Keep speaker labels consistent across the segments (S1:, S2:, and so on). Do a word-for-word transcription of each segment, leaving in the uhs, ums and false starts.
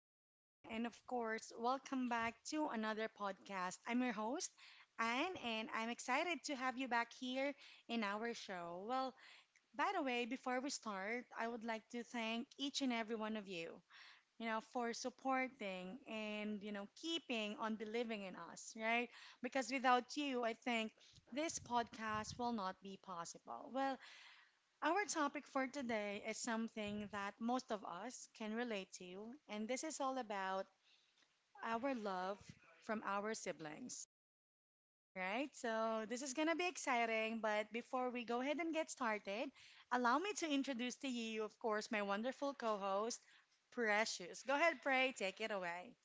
S1: everyone. And of course, welcome back to another podcast. I'm your host, Anne, and I'm excited to have you back here in our show. Well, by the way, before we start, I would like to thank each and every one of you, you know, for supporting and, you know, keeping on believing in us, right? Because without you, I think this podcast will not be possible. Well, our topic for today is something that most of us can relate to, and this is all about our love from our siblings, right? So, this is gonna be exciting, but before we go ahead and get started, allow me to introduce to you, of course, my wonderful co host, Precious. Go ahead, Pray, take it away.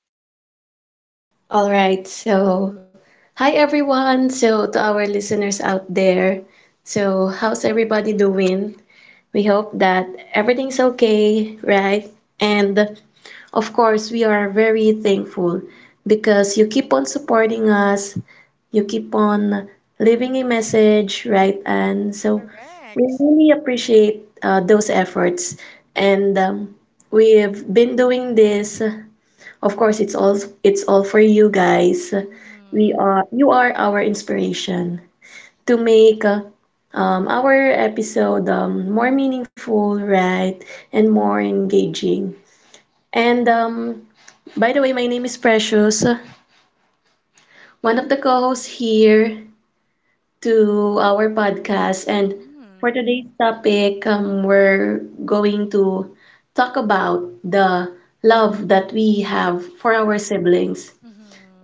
S2: All right. So, hi everyone. So, to our listeners out there, so how's everybody doing? We hope that everything's okay, right? And of course, we are very thankful because you keep on supporting us, you keep on leaving a message, right? And so, we
S1: Correct.
S2: really appreciate uh, those efforts. And um, We've been doing this of course, it's all it's all for you guys. We
S1: Mm-hmm.
S2: are You are our inspiration to make uh, um, our episode um, more meaningful, right, and more engaging. And um, By the way, my name is Precious, one of the co-hosts here to our podcast. And
S1: Mm-hmm.
S2: for today's topic, um, we're going to talk about the love that we have for our siblings.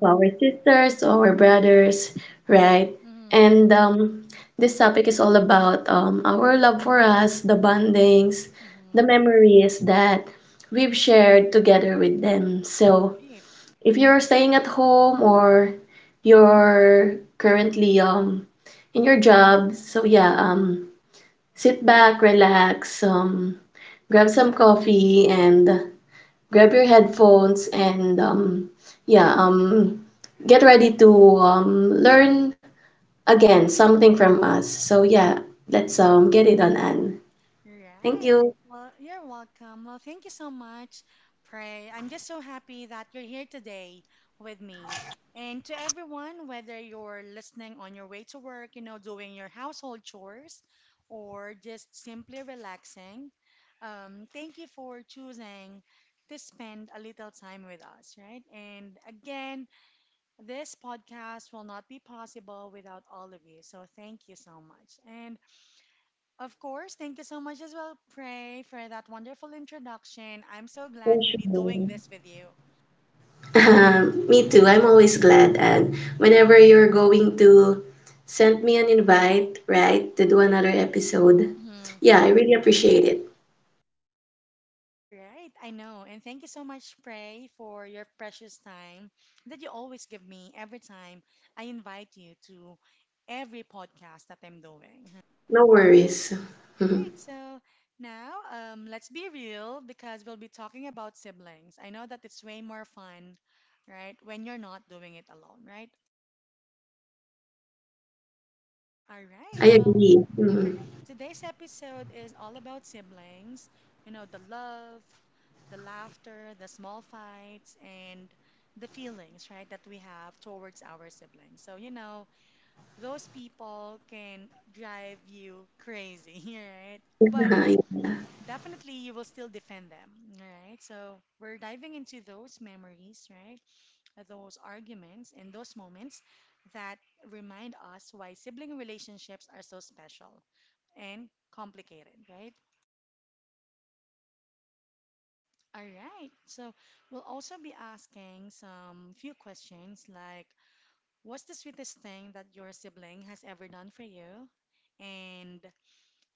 S2: To our sisters, to our brothers, right?
S1: Mm-hmm.
S2: And um, This topic is all about um, our love for us, the bondings, the
S1: Mm-hmm.
S2: memories that we've shared together with them. So
S1: Right.
S2: if you're staying at home or you're currently um, in your job, so yeah, um, sit back, relax, um, grab some coffee, and grab your headphones and um, yeah, um, get ready to um, learn again something from us. So yeah, let's um, get it done, Anne. Thank
S1: Right.
S2: you.
S1: Well, you're welcome. Well, thank you so much, Pray. I'm just so happy that you're here today with me. And to everyone, whether you're listening on your way to work, you know, doing your household chores, or just simply relaxing, um, thank you for choosing to spend a little time with us, right? And again, this podcast will not be possible without all of you. So thank you so much. And of course, thank you so much as well, Pray, for that wonderful introduction. I'm so glad to be doing this with you.
S2: Um, me too. I'm always glad. And whenever you're going to send me an invite, right, to do another episode,
S1: Mm-hmm.
S2: yeah, I really appreciate it.
S1: Right, I know. And thank you so much, Pray, for your precious time that you always give me every time I invite you to every podcast that I'm doing. Huh?
S2: No worries.
S1: All
S2: I
S1: right, so now um, let's be real because we'll be talking about siblings. I know that it's way more fun, right, when you're not doing it alone, right? All right, well,
S2: agree. Mhm.
S1: correct. Today's episode is all about siblings, you know, the love, the laughter, the small fights, and the feelings, right, that we have towards our siblings. So, you know, those people can drive you crazy, right? But
S2: Yeah.
S1: definitely you will still defend them, all right? So, we're diving into those memories, right? Those arguments and those moments that remind us why sibling relationships are so special and complicated, right? All right. So we'll also be asking some few questions like what's the sweetest thing that your sibling has ever done for you? And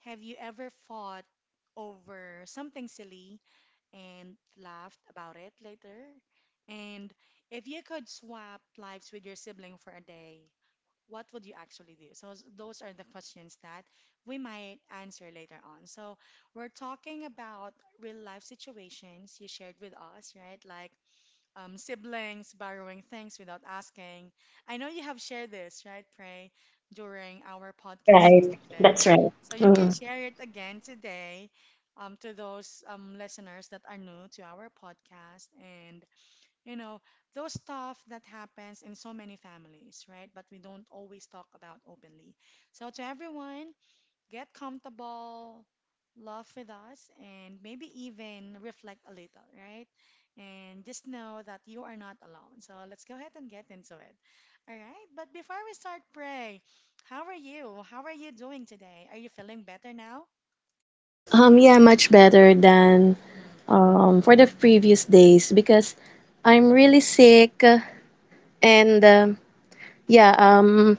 S1: have you ever fought over something silly and laughed about it later? And if you could swap lives with your sibling for a day, what would you actually do? So s- those are the questions that we might answer later on. So we're talking about real life situations you shared with us, right? Like um, siblings borrowing things without asking. I know you have shared this, right, Pray, during our podcast
S2: Right. That's
S1: yesterday.
S2: right.
S1: So you can
S2: Mm.
S1: share it again today um, to those um, listeners that are new to our podcast and you know, those stuff that happens in so many families, right? But we don't always talk about openly. So to everyone, get comfortable, laugh with us, and maybe even reflect a little, right? And just know that you are not alone. So let's go ahead and get into it. All right? But before we start, Pray, how are you? How are you doing today? Are you feeling better now?
S2: Um, yeah, much better than
S1: Mm.
S2: um, for the previous days because I'm really sick and um yeah, um,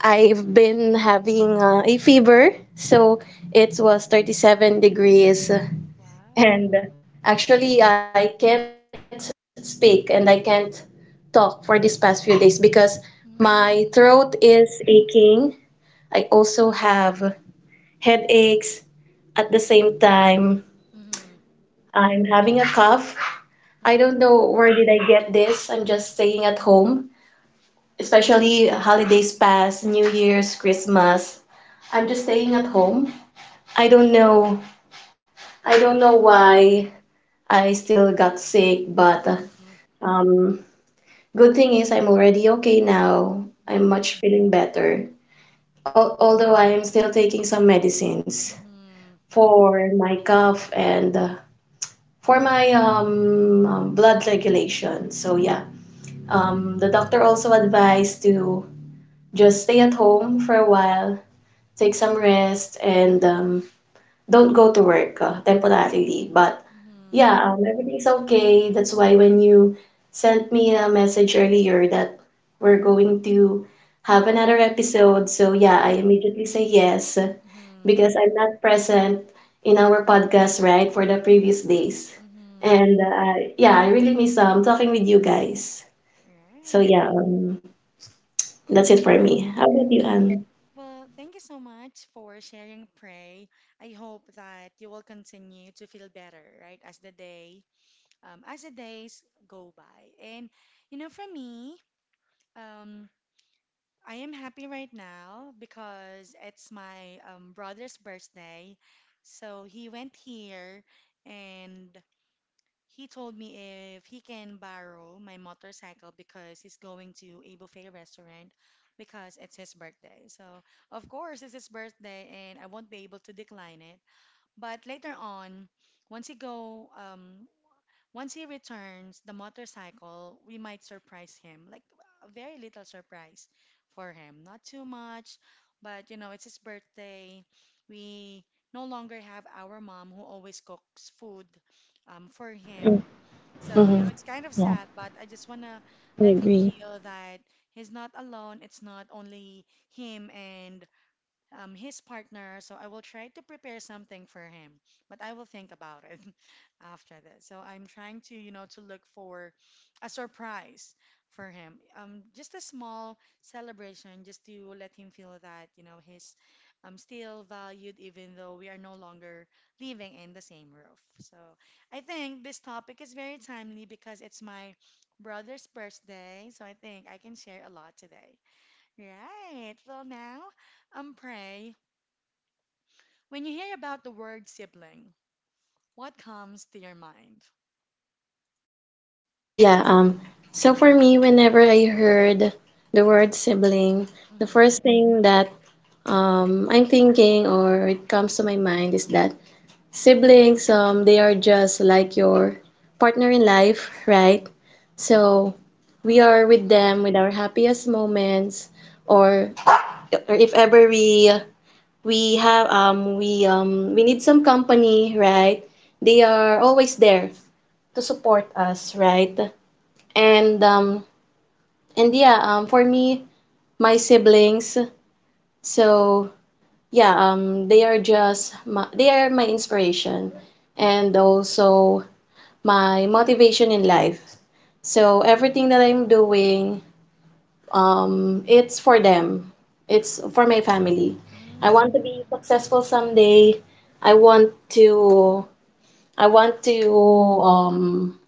S2: I've been having uh, a fever. So it was thirty-seven degrees
S1: Wow.
S2: and actually I can't speak and I can't talk for these past few days because my throat is
S1: Mm.
S2: aching. I also have headaches. At the same time,
S1: Mm-hmm.
S2: I'm having a cough. I don't
S1: Mm-hmm.
S2: know where did I get this. I'm just staying at home, especially holidays past, New Year's, Christmas. I'm just staying at home. I don't know. I don't know why I still got sick, but uh,
S1: Mm-hmm.
S2: um, good thing is I'm already okay now.
S1: Mhm.
S2: I'm much feeling better. Al although I'm still taking some medicines
S1: Mhm.
S2: for my cough and uh, for my um, um, blood regulation. So yeah. Um, the doctor also advised to just stay at home for a while, take some rest, and um, don't go to work uh, temporarily. But
S1: Mhm.
S2: yeah, um, everything's okay. That's why when you sent me a message earlier that we're going to have another episode, so yeah,
S1: Mhm.
S2: I immediately say yes
S1: Mhm.
S2: because I'm not present in our podcast, right, for the previous days.
S1: Mhm.
S2: And uh, Yeah, I really miss um, talking with you guys. So
S1: Right.
S2: yeah, um, that's it for
S1: No.
S2: me. How about
S1: Right.
S2: you, Anne?
S1: Well, thank you so much for sharing, Pray. I hope that you will continue to feel better, right, as the day, um, as the days go by. And you know, for me, um, I am happy right now because it's my um, brother's birthday, so he went here and he told me if he can borrow my motorcycle because he's going to a buffet restaurant because it's his birthday. So, of course, it's his birthday and I won't be able to decline it. But later on, once he go, um, once he returns the motorcycle, we might surprise him, like a very little surprise for him. Not too much, but you know, it's his birthday. We no longer have our mom who always cooks food um, for him, so, you know,
S2: Mm-hmm.
S1: it's kind of sad, but I just want to
S2: I
S1: let him
S2: agree.
S1: feel that he's not alone. It's not only him and um, his partner, so I will try to prepare something for him. But I will think about it after that. So I'm trying to, you know, to look for a surprise for him. Um, just a small celebration, just to let him feel that, you know, he's um, still valued, even though we are no longer living in the same roof. So I think this topic is very timely because it's my brother's birthday. So I think I can share a lot today. Right. Well, now. Um, pray. When you hear about the word sibling, what comes to your mind?
S2: Yeah, um, so for me, whenever I heard the word sibling, the
S1: Mm-hmm.
S2: first thing that um, I'm thinking or it comes to my mind is that siblings, um, they are just like your partner in life, right? So we are with them with our happiest moments, or, or if ever we we have um we um we need some company, right? They are always there to support us, right? And um and yeah, um for me, my siblings, so yeah, um they are just my, they are my inspiration and also my motivation in life. So everything that I'm doing, Um, it's for them. It's for my family. I want
S1: Mm-hmm.
S2: to be successful someday. I want to I want to um,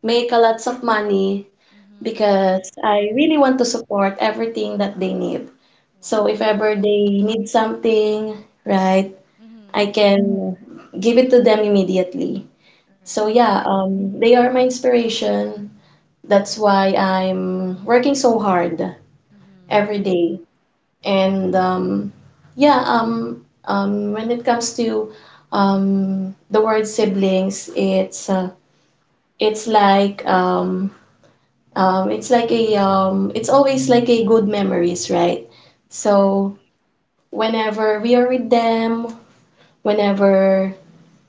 S2: make a lots of money
S1: Mm-hmm.
S2: because I
S1: Of.
S2: really want to support everything that they need. So if
S1: Wow.
S2: ever they need something, right, I
S1: Mm-hmm.
S2: can give it to them immediately. So
S1: Right.
S2: yeah, um, they are my inspiration. That's why I'm working so hard
S1: Mm-hmm.
S2: every day. And um, Yeah, um, um, when it comes to um, the word siblings, it's uh,
S1: Mm-hmm.
S2: it's like um, um, it's like a um, it's always like a good memories, right? So
S1: Correct.
S2: whenever we are with them, whenever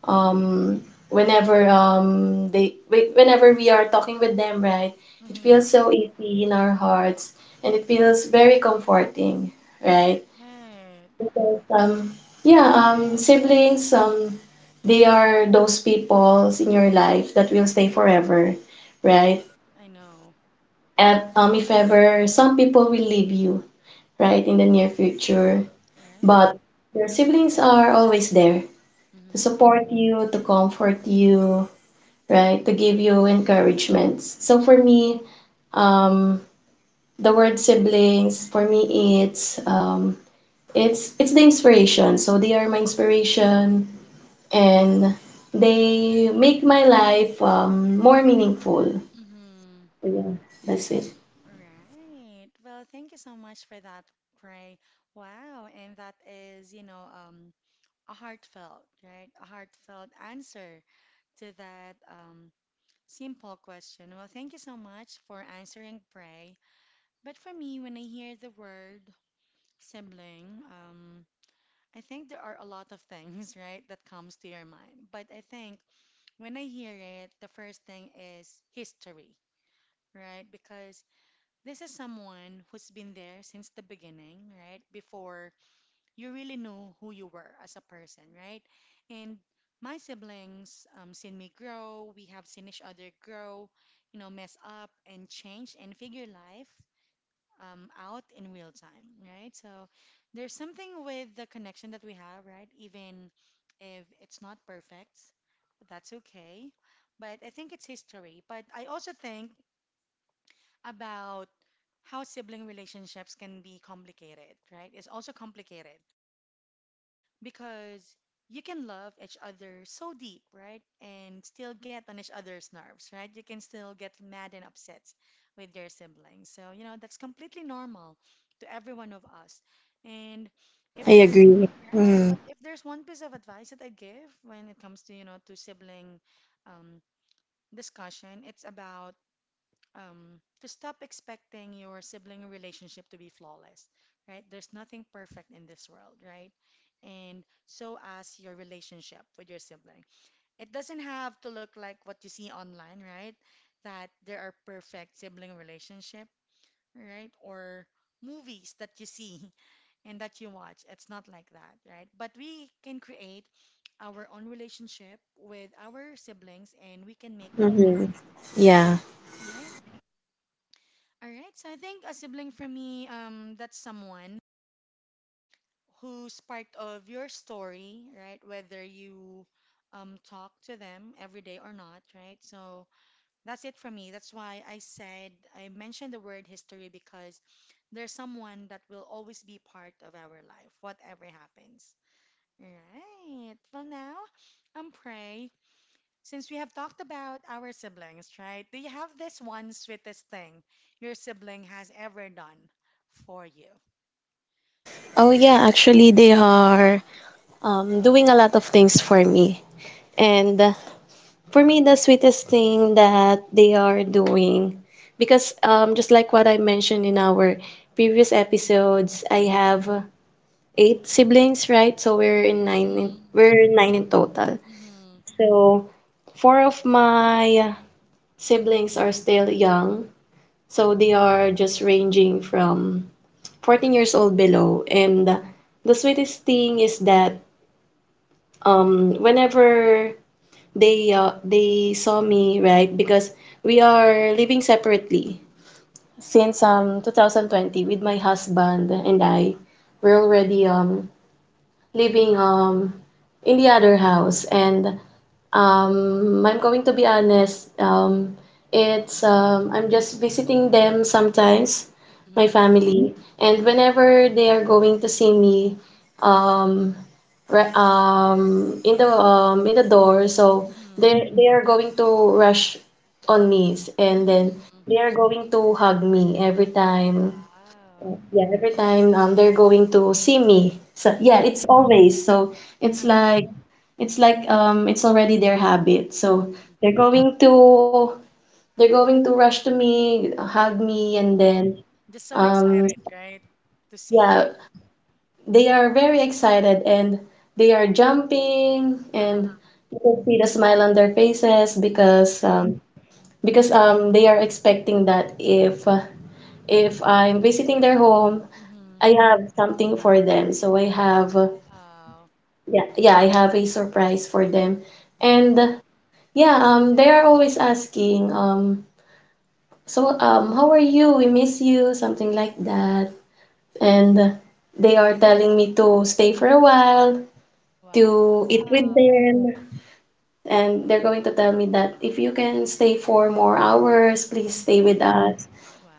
S2: um, whenever um, they whe- whenever we are talking with them, right? It feels
S1: Mm-hmm.
S2: so easy in our hearts, and it feels very comforting, right?
S1: Right.
S2: Because, um, yeah, um, siblings, um, they are those people in your life that will stay forever, right?
S1: Right. I know.
S2: And, um, if ever some people will leave you, right, in the
S1: Mm-hmm.
S2: near future,
S1: Right.
S2: but your siblings are always there to
S1: Mm-hmm.
S2: support you, to comfort you, right, to give you encouragements. So for me, um, the word siblings, for me, it's um, it's it's the inspiration. So they are my inspiration and they make my life um, more meaningful.
S1: Mm-hmm.
S2: That's it.
S1: Right. Well, thank you so much for that, Pray. Wow. And that is, you know, um, a heartfelt, right? A heartfelt answer to that um, simple question. Well, thank you so much for answering, Pray. But for me, when I hear the word sibling, um, I think there are a lot of things, right, that comes to your mind. But I think when I hear it, the first thing is history, right? Because this is someone who's been there since the beginning, right? Before you really know who you were as a person, right? And my siblings um, seen me grow. We have seen each other grow, you know, mess up and change and figure life um, out in real time, right? So there's something with the connection that we have, right? Even if it's not perfect, that's okay. But I think it's history. But I also think about how sibling relationships can be complicated, right? It's also complicated because you can love each other so deep, right? And still get on each other's nerves, right? You can still get mad and upset with your siblings. So, you know, that's completely normal to every one of us. And if there, right, but if there's one piece of advice that I give when it comes to, you know, to sibling um, discussion, it's about um, to stop expecting your sibling relationship to be flawless, right? There's nothing perfect in this world, right? And so as your relationship with your sibling. It doesn't have to look like what you see online, right? That there are perfect sibling relationship, right? Or movies that you see and that you watch. It's not like that, right? But we can create our own relationship with our siblings and we can make it more
S2: Mm-hmm.
S1: meaningful,
S2: Yeah.
S1: right? All right. So I think a sibling for me, um, that's someone who's part of your story, right? Whether you um, talk to them every day or not, right? So that's it for me. That's why I said I mentioned the word history because there's someone that will always be part of our life, whatever happens. All right. Well, now, I'm Prey, since we have talked about our siblings, right? Do you have this one sweetest thing your sibling has ever done for you?
S2: Oh, yeah. Actually, they are um, doing a lot of things for me. And uh, For me, the sweetest thing that they are doing, because um, just like what I mentioned in our previous episodes, I have eight siblings, right? So we're in nine. In,
S1: Mm-hmm.
S2: we're nine in total.
S1: Mm-hmm.
S2: So four of my siblings are still young. So they are just ranging from fourteen years old below. And the sweetest thing is that um, whenever they uh, they saw me, right? Because we are living separately since um two thousand twenty with my husband and I. We're already um living um in the other house. And Um, I'm going to be honest. Um, it's um, I'm just visiting them sometimes, my
S1: Mm-hmm.
S2: family, and whenever they are going to see me, um, re- um, in the um, in the door, so
S1: Mm-hmm.
S2: they they are going to rush on me, and then
S1: Mm-hmm.
S2: they are going to hug me every time,
S1: Wow.
S2: yeah, every time um, they're going to see me. So yeah, it's
S1: Mm-hmm.
S2: always. So it's like, it's like um it's already their habit. So
S1: Mm-hmm.
S2: they're going to they're going to rush to me, hug me,
S1: Mm-hmm.
S2: and then
S1: Just so
S2: um
S1: excited, right? To see
S2: yeah, they are very excited and they are jumping
S1: you.
S2: and you can see the smile on their faces
S1: Mm-hmm.
S2: because um because um they are expecting that if uh, if I'm visiting their home,
S1: Mm-hmm.
S2: I have something for them. So I have uh,
S1: Wow.
S2: yeah, yeah, I have a surprise for them.
S1: Mm.
S2: And uh, Yeah, um they are always asking um so um how are you? We miss you, something like that. And uh, They are telling me to stay for a while,
S1: Wow.
S2: to eat with them. And they're going to tell me that if you can stay for more hours, please stay with
S1: Mm-hmm.
S2: us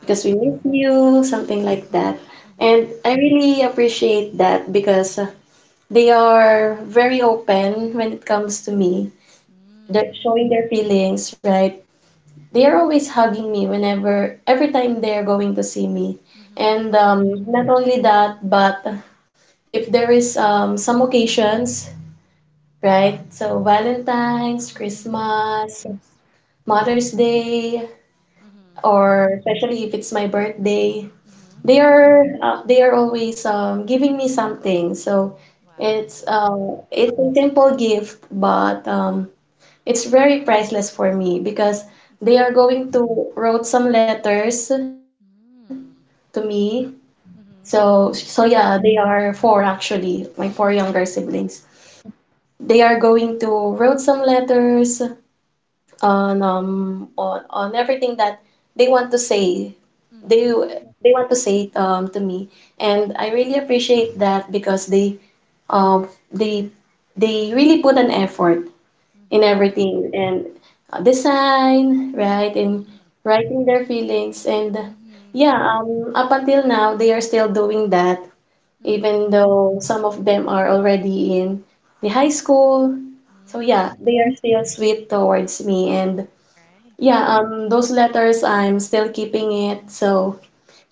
S2: because we miss you, something like that.
S1: Mm-hmm.
S2: And I really appreciate that because uh, they are very open when it comes to me. They're showing their feelings, right? They are always hugging me whenever, every time they're going to see me.
S1: Mm-hmm.
S2: And um, Not only that, but if there is um, some occasions, right? So Valentine's,
S1: Mm-hmm.
S2: Christmas, Mother's Day,
S1: Mm-hmm.
S2: or especially if it's my birthday,
S1: Mm-hmm.
S2: they are uh, they are always um, giving me something. So it's
S1: Wow.
S2: uh, it's a simple gift, but um, it's very priceless for me because
S1: E-
S2: they are
S1: Exactly.
S2: going to wrote some letters to
S1: Mm.
S2: me. So so
S1: Mm-hmm.
S2: yeah, they are four actually, my four younger
S1: Mm-hmm.
S2: siblings. They are going to wrote some letters on um on, on everything that they want to say. They
S1: Mm-hmm.
S2: they want to say it, um to me, and I really appreciate that because they um they they really put an effort in
S1: Mm-hmm.
S2: everything and uh, design, right? And
S1: Mm-hmm.
S2: writing their feelings. And
S1: Mm-hmm.
S2: yeah, um, up until now, they are still doing that,
S1: Mm-hmm.
S2: even though some of them are already in the high school. So yeah, they
S1: Mm.
S2: are still sweet towards me. And
S1: Right.
S2: yeah, um, those letters, I'm still keeping it. So,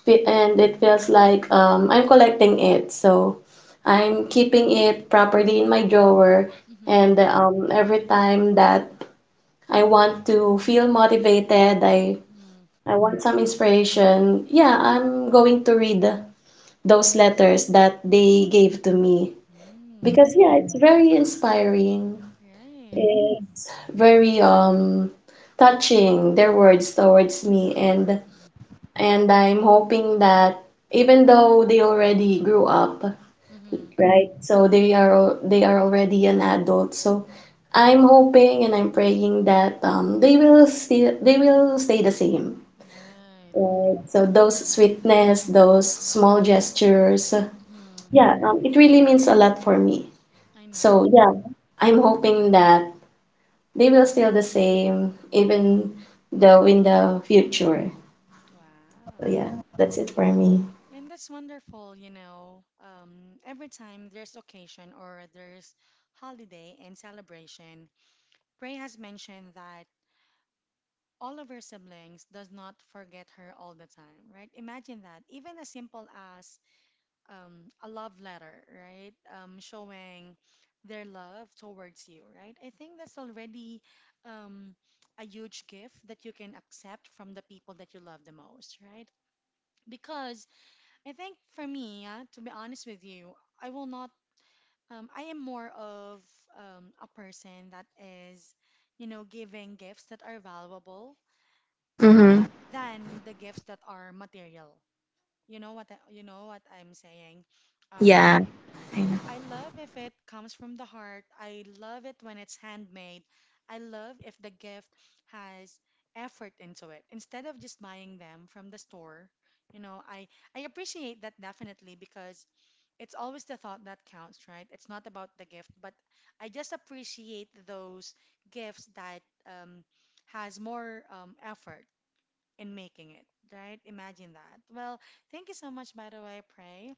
S2: fe- and it feels like um, I'm collecting it. So, I'm
S1: Mm-hmm.
S2: keeping it properly in my drawer.
S1: Mm-hmm.
S2: And um, Every time that I want to feel motivated. I
S1: Mm-hmm.
S2: I want some inspiration. Yeah, I'm going to read those letters that they gave to me
S1: Mm.
S2: because yeah, it's very inspiring.
S1: Right.
S2: It's very um touching their words towards me and
S1: Mm-hmm.
S2: and I'm hoping that even though they already grew up,
S1: Mm-hmm.
S2: right? So they are al- they are already an adult. So I'm hoping and I'm praying that um, they will still they will stay the same.
S1: Right.
S2: Right. So those sweetness, those small gestures, uh,
S1: Mm-hmm.
S2: yeah, um, it really means a lot for me.
S1: I
S2: So
S1: know.
S2: yeah, I'm hoping that they will still the same, even though in the future. So
S1: Wow.
S2: yeah, that's it for me.
S1: And that's wonderful, you know. Um, every time there's occasion or there's holiday and celebration, Ray has mentioned that all of her siblings does not forget her all the time, right? Imagine that. Even as simple as um, a love letter, right? Um, showing their love towards you, right? I think that's already um, a huge gift that you can accept from the people that you love the most, right? Because I think for me, yeah, to be honest with you, I will not. Um, I am more of um, a person that is you know, giving gifts that are valuable um
S2: Mm-hmm.
S1: th- than the gifts that are material. You know what I, you know what I'm saying? Um,
S2: Yeah, I know.
S1: I love if it comes from the heart. I love it when it's handmade. I love if the gift has effort into it instead of just buying them from the store. You know, I I appreciate that definitely because it's always the thought that counts, right? It's not about the gift, but I just appreciate those gifts that um has more um effort in making it, right? Imagine that. Well, thank you so much, by the way, Pray,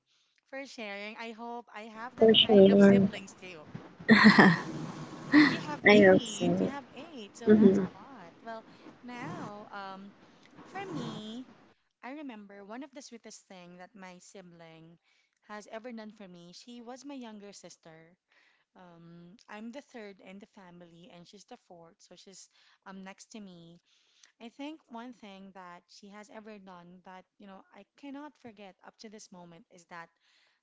S1: for sharing. I hope I have that
S2: For
S1: kind of
S2: sure.
S1: siblings too. And you have
S2: I know.
S1: eight. You have eight, so that's
S2: Mm-hmm.
S1: a lot. Well, now, um, for me, I remember one of the sweetest thing that my sibling has ever done for me. She was my younger sister. Um, I'm the third in the family, and she's the fourth, so she's um next to me. I think one thing that she has ever done that, you know, I cannot forget up to this moment is that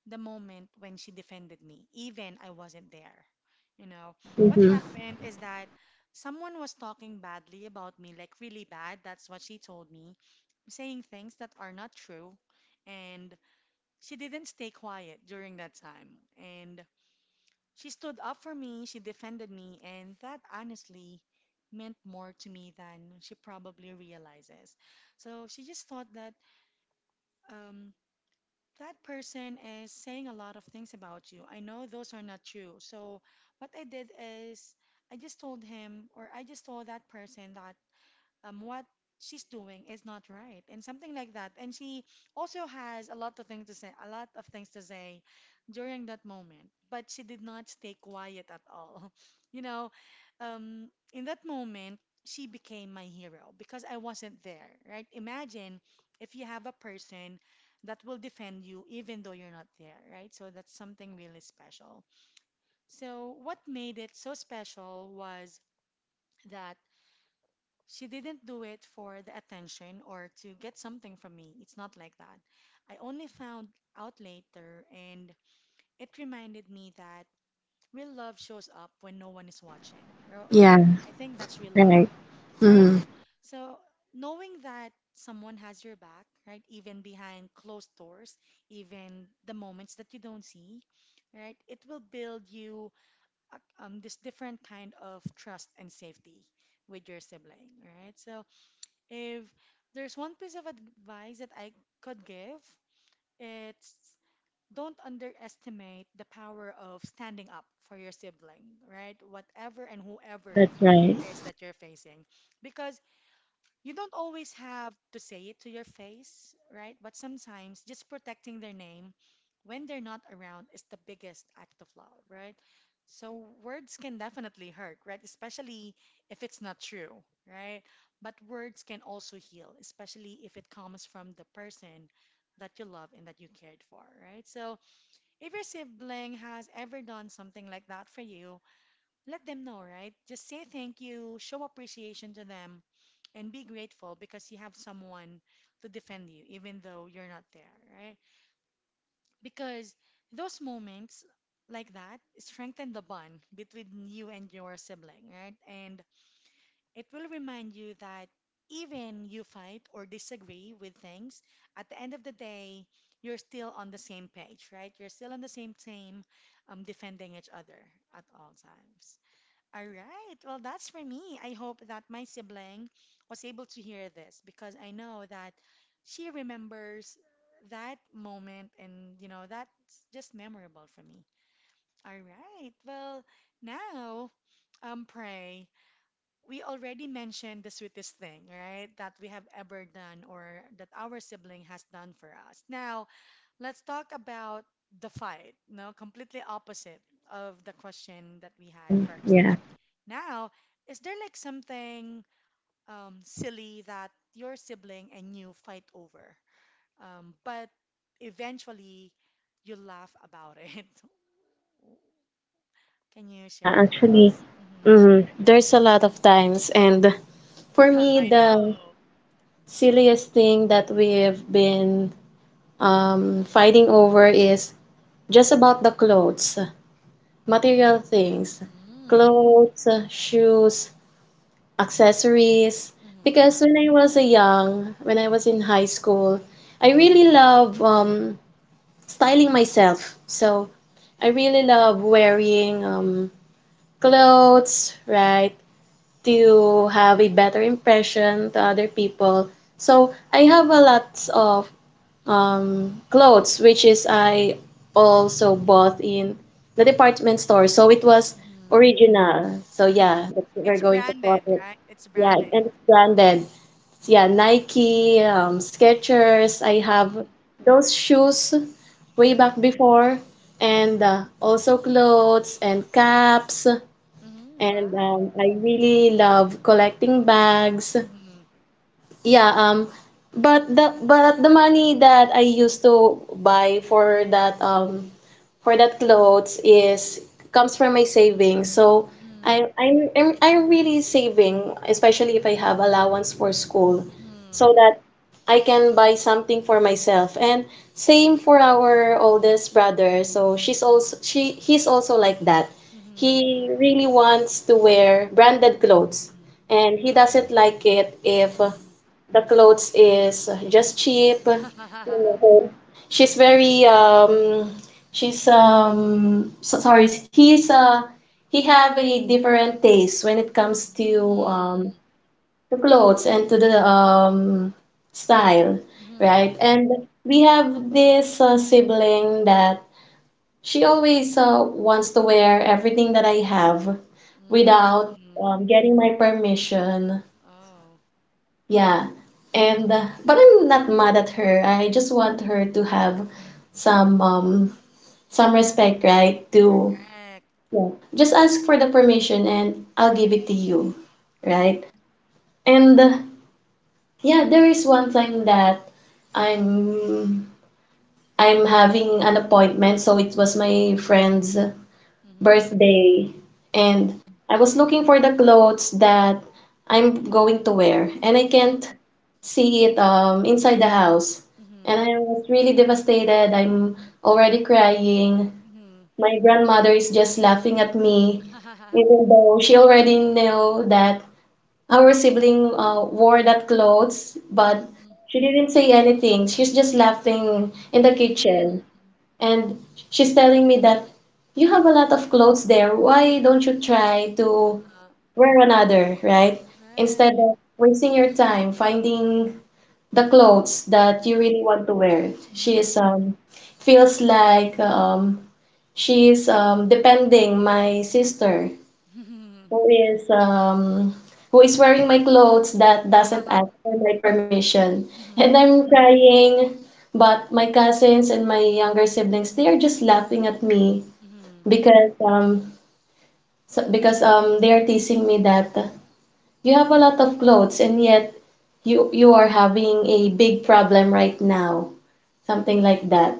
S1: the moment when she defended me, even I wasn't there. You know, what
S2: Mm-hmm.
S1: happened is that someone was talking badly about me, like really bad. That's what she told me, saying things that are not true. And she didn't stay quiet during that time. And she stood up for me, she defended me, and that honestly meant more to me than she probably realizes. So she just thought that um, that person is saying a lot of things about you. I know those are not true. So what I did is I just told him, or I just told that person that um, what she's doing is not right and something like that. And she also has a lot of things to say, a lot of things to say during that moment, but she did not stay quiet at all. You know, um, in that moment, she became my hero because I wasn't there, right? Imagine if you have a person that will defend you even though you're not there, right? So that's something really special. So, what made it so special was that she didn't do it for the attention or to get something from me. It's not like that. I only found out later, and it reminded me that real love shows up when no one is watching, ro-
S2: Yeah,
S1: right? I think that's real
S2: right.
S1: love,
S2: Mm-hmm.
S1: right? So knowing that someone has your back, right, even behind closed doors, even the moments that you don't see, right, it will build you uh, um, this different kind of trust and safety with your sibling, right? So if there's one piece of advice that I could give, it's don't underestimate the power of standing up for your sibling, right? Whatever and whoever
S2: That's right.
S1: it is that you're facing. Because you don't always have to say it to your face, right? But sometimes just protecting their name when they're not around is the biggest act of love, right? So words can definitely hurt, right? Especially if it's not true, right? But words can also heal, especially if it comes from the person that you love and that you cared for, right? So if your sibling has ever done something like that for you, let them know, right? Just say thank you, show appreciation to them, and be grateful because you have someone to defend you, even though you're not there, right? Because those moments like that strengthen the bond between you and your sibling, right? And it will remind you that even you fight or disagree with things, at the end of the day, you're still on the same page, right? You're still on the same team, um, defending each other at all times. All right. Well, that's for me. I hope that my sibling was able to hear this because I know that she remembers that moment and, you know, that's just memorable for me. All right. Well, now, um, pray. We already mentioned the sweetest thing, right, that we have ever done or that our sibling has done for us. Now, let's talk about the fight, no, completely opposite of the question that we had
S2: Hmm.
S1: first.
S2: Yeah.
S1: Now, is there like something um, silly that your sibling and you fight over, um, but eventually you laugh about it? Can you
S2: Yeah,
S1: share it with
S2: actually,
S1: us? Hmm
S2: hmm, there's a lot of times. And for me,
S1: I
S2: the
S1: know.
S2: silliest thing that we've been um, fighting over is just about the clothes, material things,
S1: Mm,
S2: clothes, shoes, accessories.
S1: hmm
S2: Because when I was a young, when I was in high school, I really love um, styling myself. So I really love wearing um, clothes, right? To have a better impression to other people. So I have a lot of um, clothes, which is I also bought in the department store. So it was
S1: hmm
S2: original. So yeah, that's what we're
S1: It's
S2: going to call
S1: branded,
S2: it.
S1: right? It's
S2: Yeah,
S1: branded.
S2: and it's branded. So, yeah, Nike, um, Skechers. I have
S1: Mm-hmm.
S2: those shoes way
S1: hmm
S2: back before, and uh, also clothes and caps.
S1: hmm
S2: And
S1: Wow.
S2: um, I really love collecting bags.
S1: hmm
S2: Yeah, um, but the but the money that I used to buy for that um for that clothes is comes from my savings. So
S1: hmm
S2: I I'm, I'm I'm really saving, especially if I have allowance for school, so
S1: hmm
S2: that I can buy something for myself. And same for our oldest brother. So she's also she he's also like that.
S1: hmm
S2: He really wants to wear branded clothes,
S1: hmm
S2: and he doesn't like it if
S1: hmm
S2: the clothes is just cheap. She's very um She's um so, sorry, he's uh he have a different taste when it comes to um
S1: hmm
S2: the clothes and to the um style,
S1: Mm-hmm.
S2: right? And we have this uh, sibling that she always uh, wants to wear everything that I have without
S1: Mm.
S2: um, getting my permission.
S1: Oh,
S2: Yeah. And uh, but I'm not mad at her. I just want her to have some um some respect, right? To
S1: correct.
S2: just ask for the permission and I'll give it to you,
S1: Correct.
S2: right? And uh, yeah, there is one time that I'm I'm having an appointment, so it was my friend's
S1: Mm-hmm.
S2: birthday,
S1: All right.
S2: and I was looking for the clothes that I'm going to wear, and I
S1: Mm-hmm.
S2: can't see it um inside the house,
S1: Mm-hmm.
S2: and I was really devastated. I'm already crying,
S1: Mm-hmm.
S2: my grandmother is just laughing at me, even though she already knew that our sibling uh, wore that clothes, but
S1: Mm-hmm.
S2: she didn't say anything. She's just laughing in the
S1: Mm-hmm.
S2: kitchen, and she's telling me that you have a lot of clothes there. Why don't you try to wear another, right? Instead
S1: Right.
S2: of wasting your time finding the clothes that you
S1: Mm-hmm.
S2: really want to wear. She
S1: Mm-hmm.
S2: is um feels like um she is um, depending my sister, who is um, who is wearing my clothes that doesn't ask
S1: Mm-hmm.
S2: for my permission, and I'm crying. But my cousins and my younger siblings, they are just laughing at me
S1: Mm-hmm.
S2: because um, so, because um, they are teasing me that you have a lot of clothes and yet you you are having a big problem right now, something like that.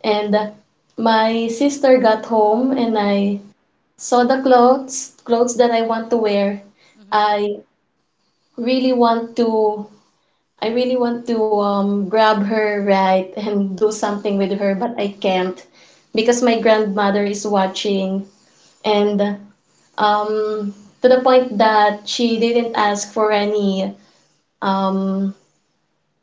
S2: And my sister got home and I So the clothes, clothes that I want to wear,
S1: Mm-hmm.
S2: I really want to, I really want to um, grab her right and do
S1: Mm-hmm.
S2: something with her, but I can't because my grandmother is watching, and um, to the point that she didn't ask for any um,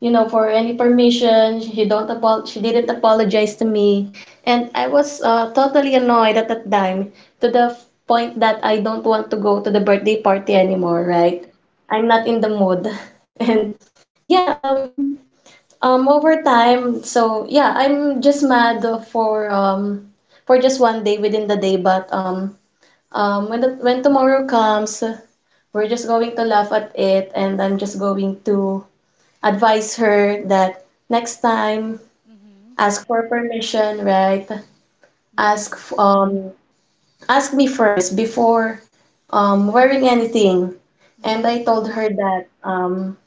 S2: you know, for any permission. She don't apol she didn't apologize to me, and I was uh, totally annoyed at that time to the f- point that I don't want to go to the birthday party anymore, right? I'm not in the mood. And yeah, um um over time, so yeah, I'm just mad for um for just one day within the day, but um um when the, when tomorrow comes, we're just going to laugh at it and I'm just going to advise her that next time
S1: Mm-hmm.
S2: ask for permission, right? Ask
S1: Mm-hmm.
S2: um ask me first before um wearing anything. And I told her that um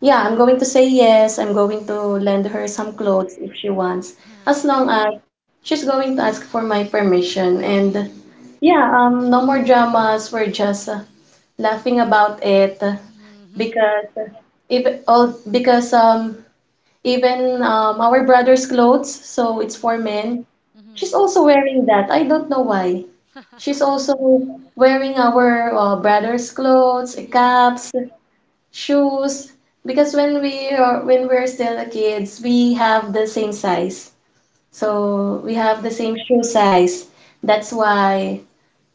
S2: yeah, I'm going to say yes. I'm going to lend her
S1: Mm-hmm.
S2: some clothes if she wants, as
S1: hmm
S2: long as she's going to ask for my permission. And
S1: hmm
S2: yeah, um no more dramas. We're just uh, laughing about it
S1: Mm-hmm.
S2: because if all because um even um, our brother's clothes, so it's for
S1: hmm
S2: men. She's also wearing that. I don't know why. She's also wearing our uh, brother's clothes,
S1: Mm-hmm.
S2: caps, shoes. Because when we are when we're still kids, we have the same size. So we have the same
S1: Oh.
S2: shoe size. That's why,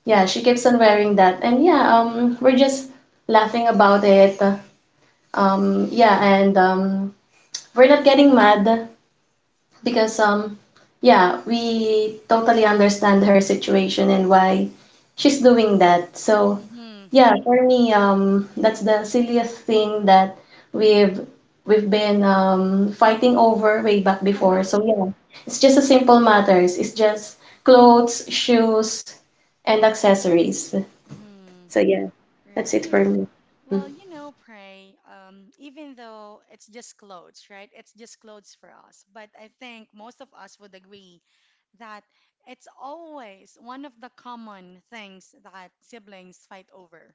S2: yeah, she keeps on wearing that. And yeah, um, we're just laughing about it. Um, yeah, and um, we're not getting mad because um yeah, we totally understand her situation and why she's doing that. So
S1: Mhm.
S2: yeah, for me, um that's the silliest thing that we've we've been um fighting over way back before. So yeah, it's just a simple matters. It's just clothes, shoes, and accessories.
S1: Mhm.
S2: So yeah, that's it
S1: Right.
S2: for me.
S1: Well, you know, pray. Um, even though it's just clothes, right? It's just clothes for us. But I think most of us would agree that it's always one of the common things that siblings fight over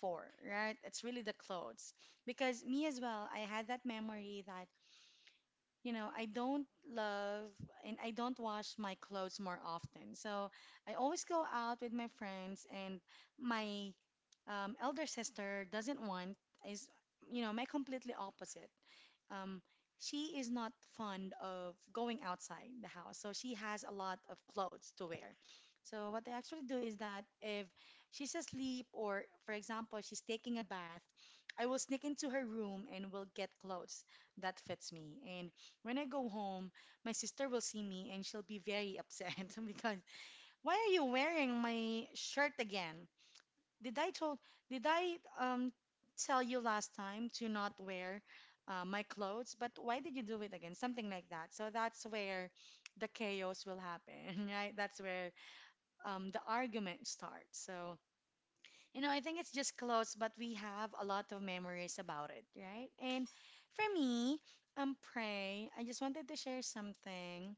S1: for, right? It's really the clothes. Because me as well, I had that memory that you know, I don't love and I don't wash my clothes more often. So I always go out with my friends, and my um, elder sister doesn't want, is, you know, my completely opposite um, she is not fond of going outside the house, so she has a lot of clothes to wear. So what I actually do is that if she's asleep or, for example, she's taking a bath, I will sneak into her room and will get clothes that fits me. And when I go home, my sister will see me and she'll be very upset because why are you wearing my shirt again? Did I told did I um tell you last time to not wear uh, my clothes? But why did you do it again? Something like that. So that's where the chaos will happen, right? That's where um the argument starts. So you know, I think it's just clothes, but we have a lot of memories about it, right? And for me, um, pray. I just wanted to share something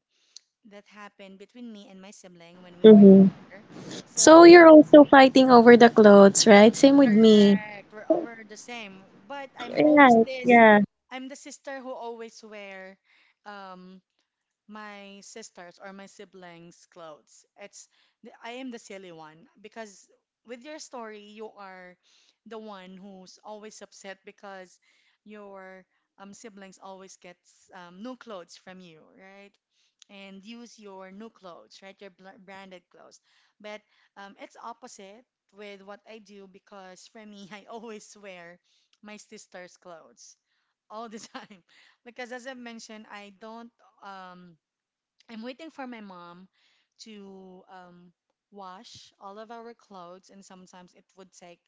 S1: that happened between me and my sibling when we were
S2: Mm-hmm.
S1: younger.
S2: So
S1: So
S2: you're also fighting over the clothes, right? Same with me.
S1: correct. We're all- we're the same. But I'm always
S2: Right,
S1: this.
S2: yeah.
S1: I'm the sister who always wear um my sisters or my siblings' clothes. It's the- I am the silly one because with your story, you are the one who's always upset because your um, siblings always gets um, new clothes from you, right? And use your new clothes, right? Your bl branded clothes. But um, it's opposite with what I do because for me, I always wear my sister's clothes all the time because as I mentioned, I don't um I'm waiting for my mom to um, wash all of our clothes, and sometimes it would take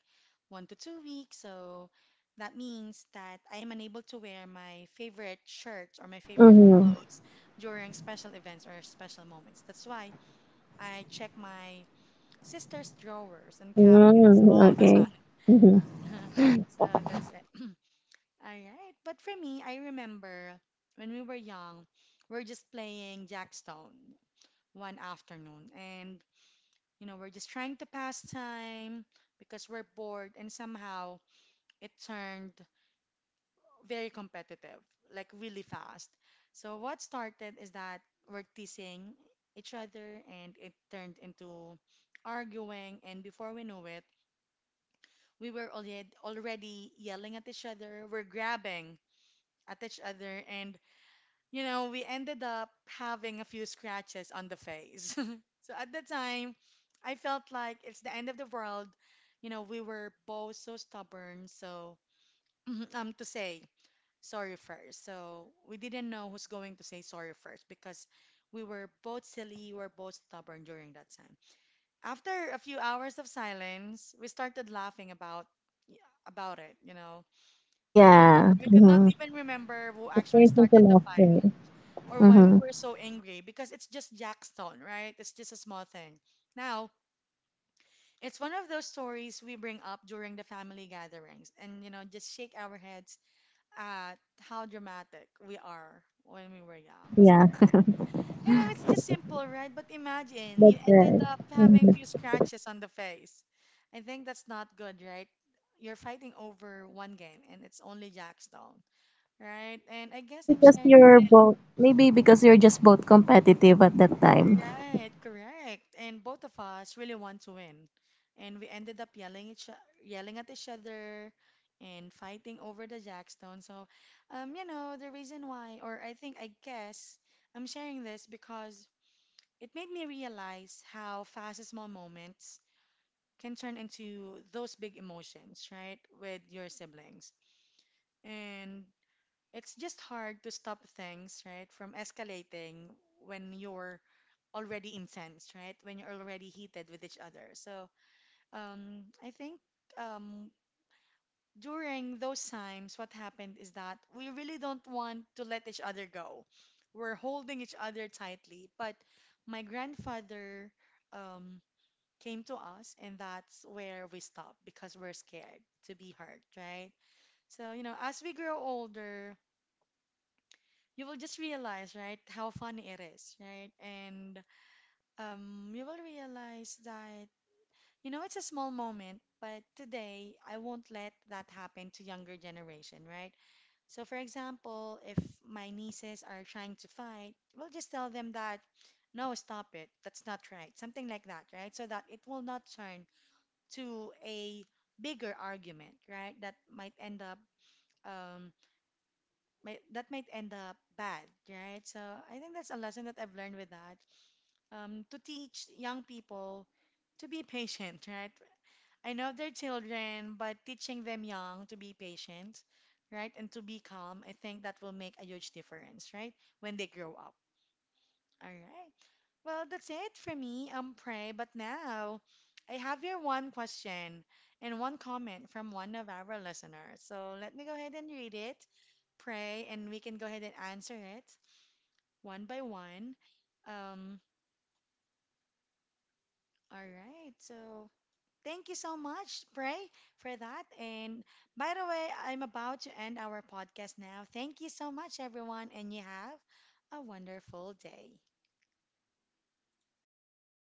S1: one to two weeks. So that means that I am unable to wear my favorite shirts or my favorite
S2: Mm-hmm.
S1: clothes during special events or special moments. That's why I check my sister's drawers and cabinets
S2: Mm,
S1: all the
S2: okay. Hmm.
S1: time. So that's it. All right. But for me, I remember when we were young, we're just playing Jackstone one afternoon. And, you know, we're just trying to pass time because we're bored, and somehow it turned very competitive, like really fast. So, what started is that we're teasing each other, and it turned into arguing. And before we know it, we were already, already yelling at each other, we're grabbing at each other, and you know, we ended up having a few scratches on the face. So at the time, I felt like it's the end of the world. You know, we were both so stubborn, so um to say sorry first. So we didn't know who's going to say sorry first because we were both silly, we were both stubborn during that time. After a few hours of silence, we started laughing about about it, you know. We could
S2: Yeah.
S1: we could not
S2: Mm-hmm.
S1: even remember who actually
S2: There's into
S1: started the fight.
S2: laughter.
S1: Or why we
S2: Mm-hmm.
S1: were so angry because it's just Jackstone, right? It's just a small thing. Now, it's one of those stories we bring up during the family gatherings and, you know, just shake our heads at how dramatic we are when we were young. So,
S2: Yeah,
S1: you know, it's just simple, right? But imagine
S2: that's
S1: you ended
S2: right.
S1: up
S2: Hmm.
S1: having few scratches on the face. I think that's not good, right? You're fighting over one game and it's only Jackstone, right? And I
S2: Maybe
S1: guess I'm
S2: because
S1: sharing
S2: you're
S1: this.
S2: both, maybe because you're just both competitive at that time.
S1: Right, correct. And both of us really want to win. And we ended up yelling each yelling at each other and fighting over the jackstone. So, um, you know, the reason why, or I think I guess I'm sharing this because it made me realize how fast small moments can turn into those big emotions, right, with your siblings. And it's just hard to stop things, right, from escalating when you're already intense, right? When you're already heated with each other. So um, I think um, during those times, what happened is that we really don't want to let each other go. We're holding each other tightly. But my grandfather um, came to us, and that's where we stopped because we're scared to be hurt, right? So, you know, as we grow older, you will just realize, right, how funny it is, right? And um, you will realize that you know, it's a small moment, but today I won't let that happen to younger generation, right? So for example, if my nieces are trying to fight, we'll just tell them that no, stop it. That's not right. Something like that, right? So that it will not turn to a bigger argument, right? That might end up um might, that might end up bad, right? So I think that's a lesson that I've learned with that. Um to teach young people to be patient, right? I know they're children, but teaching them young to be patient, right, and to be calm, I think that will make a huge difference, right, when they grow up. All right. Well, that's it for me. Um, pray. But now, I have here one question and one comment from one of our listeners. So let me go ahead and read it, pray, and we can go ahead and answer it one by one. Um, all right. So thank you so much, Pray, for that. And by the way, I'm about to end our podcast now. Thank you so much, everyone, and you have a wonderful day.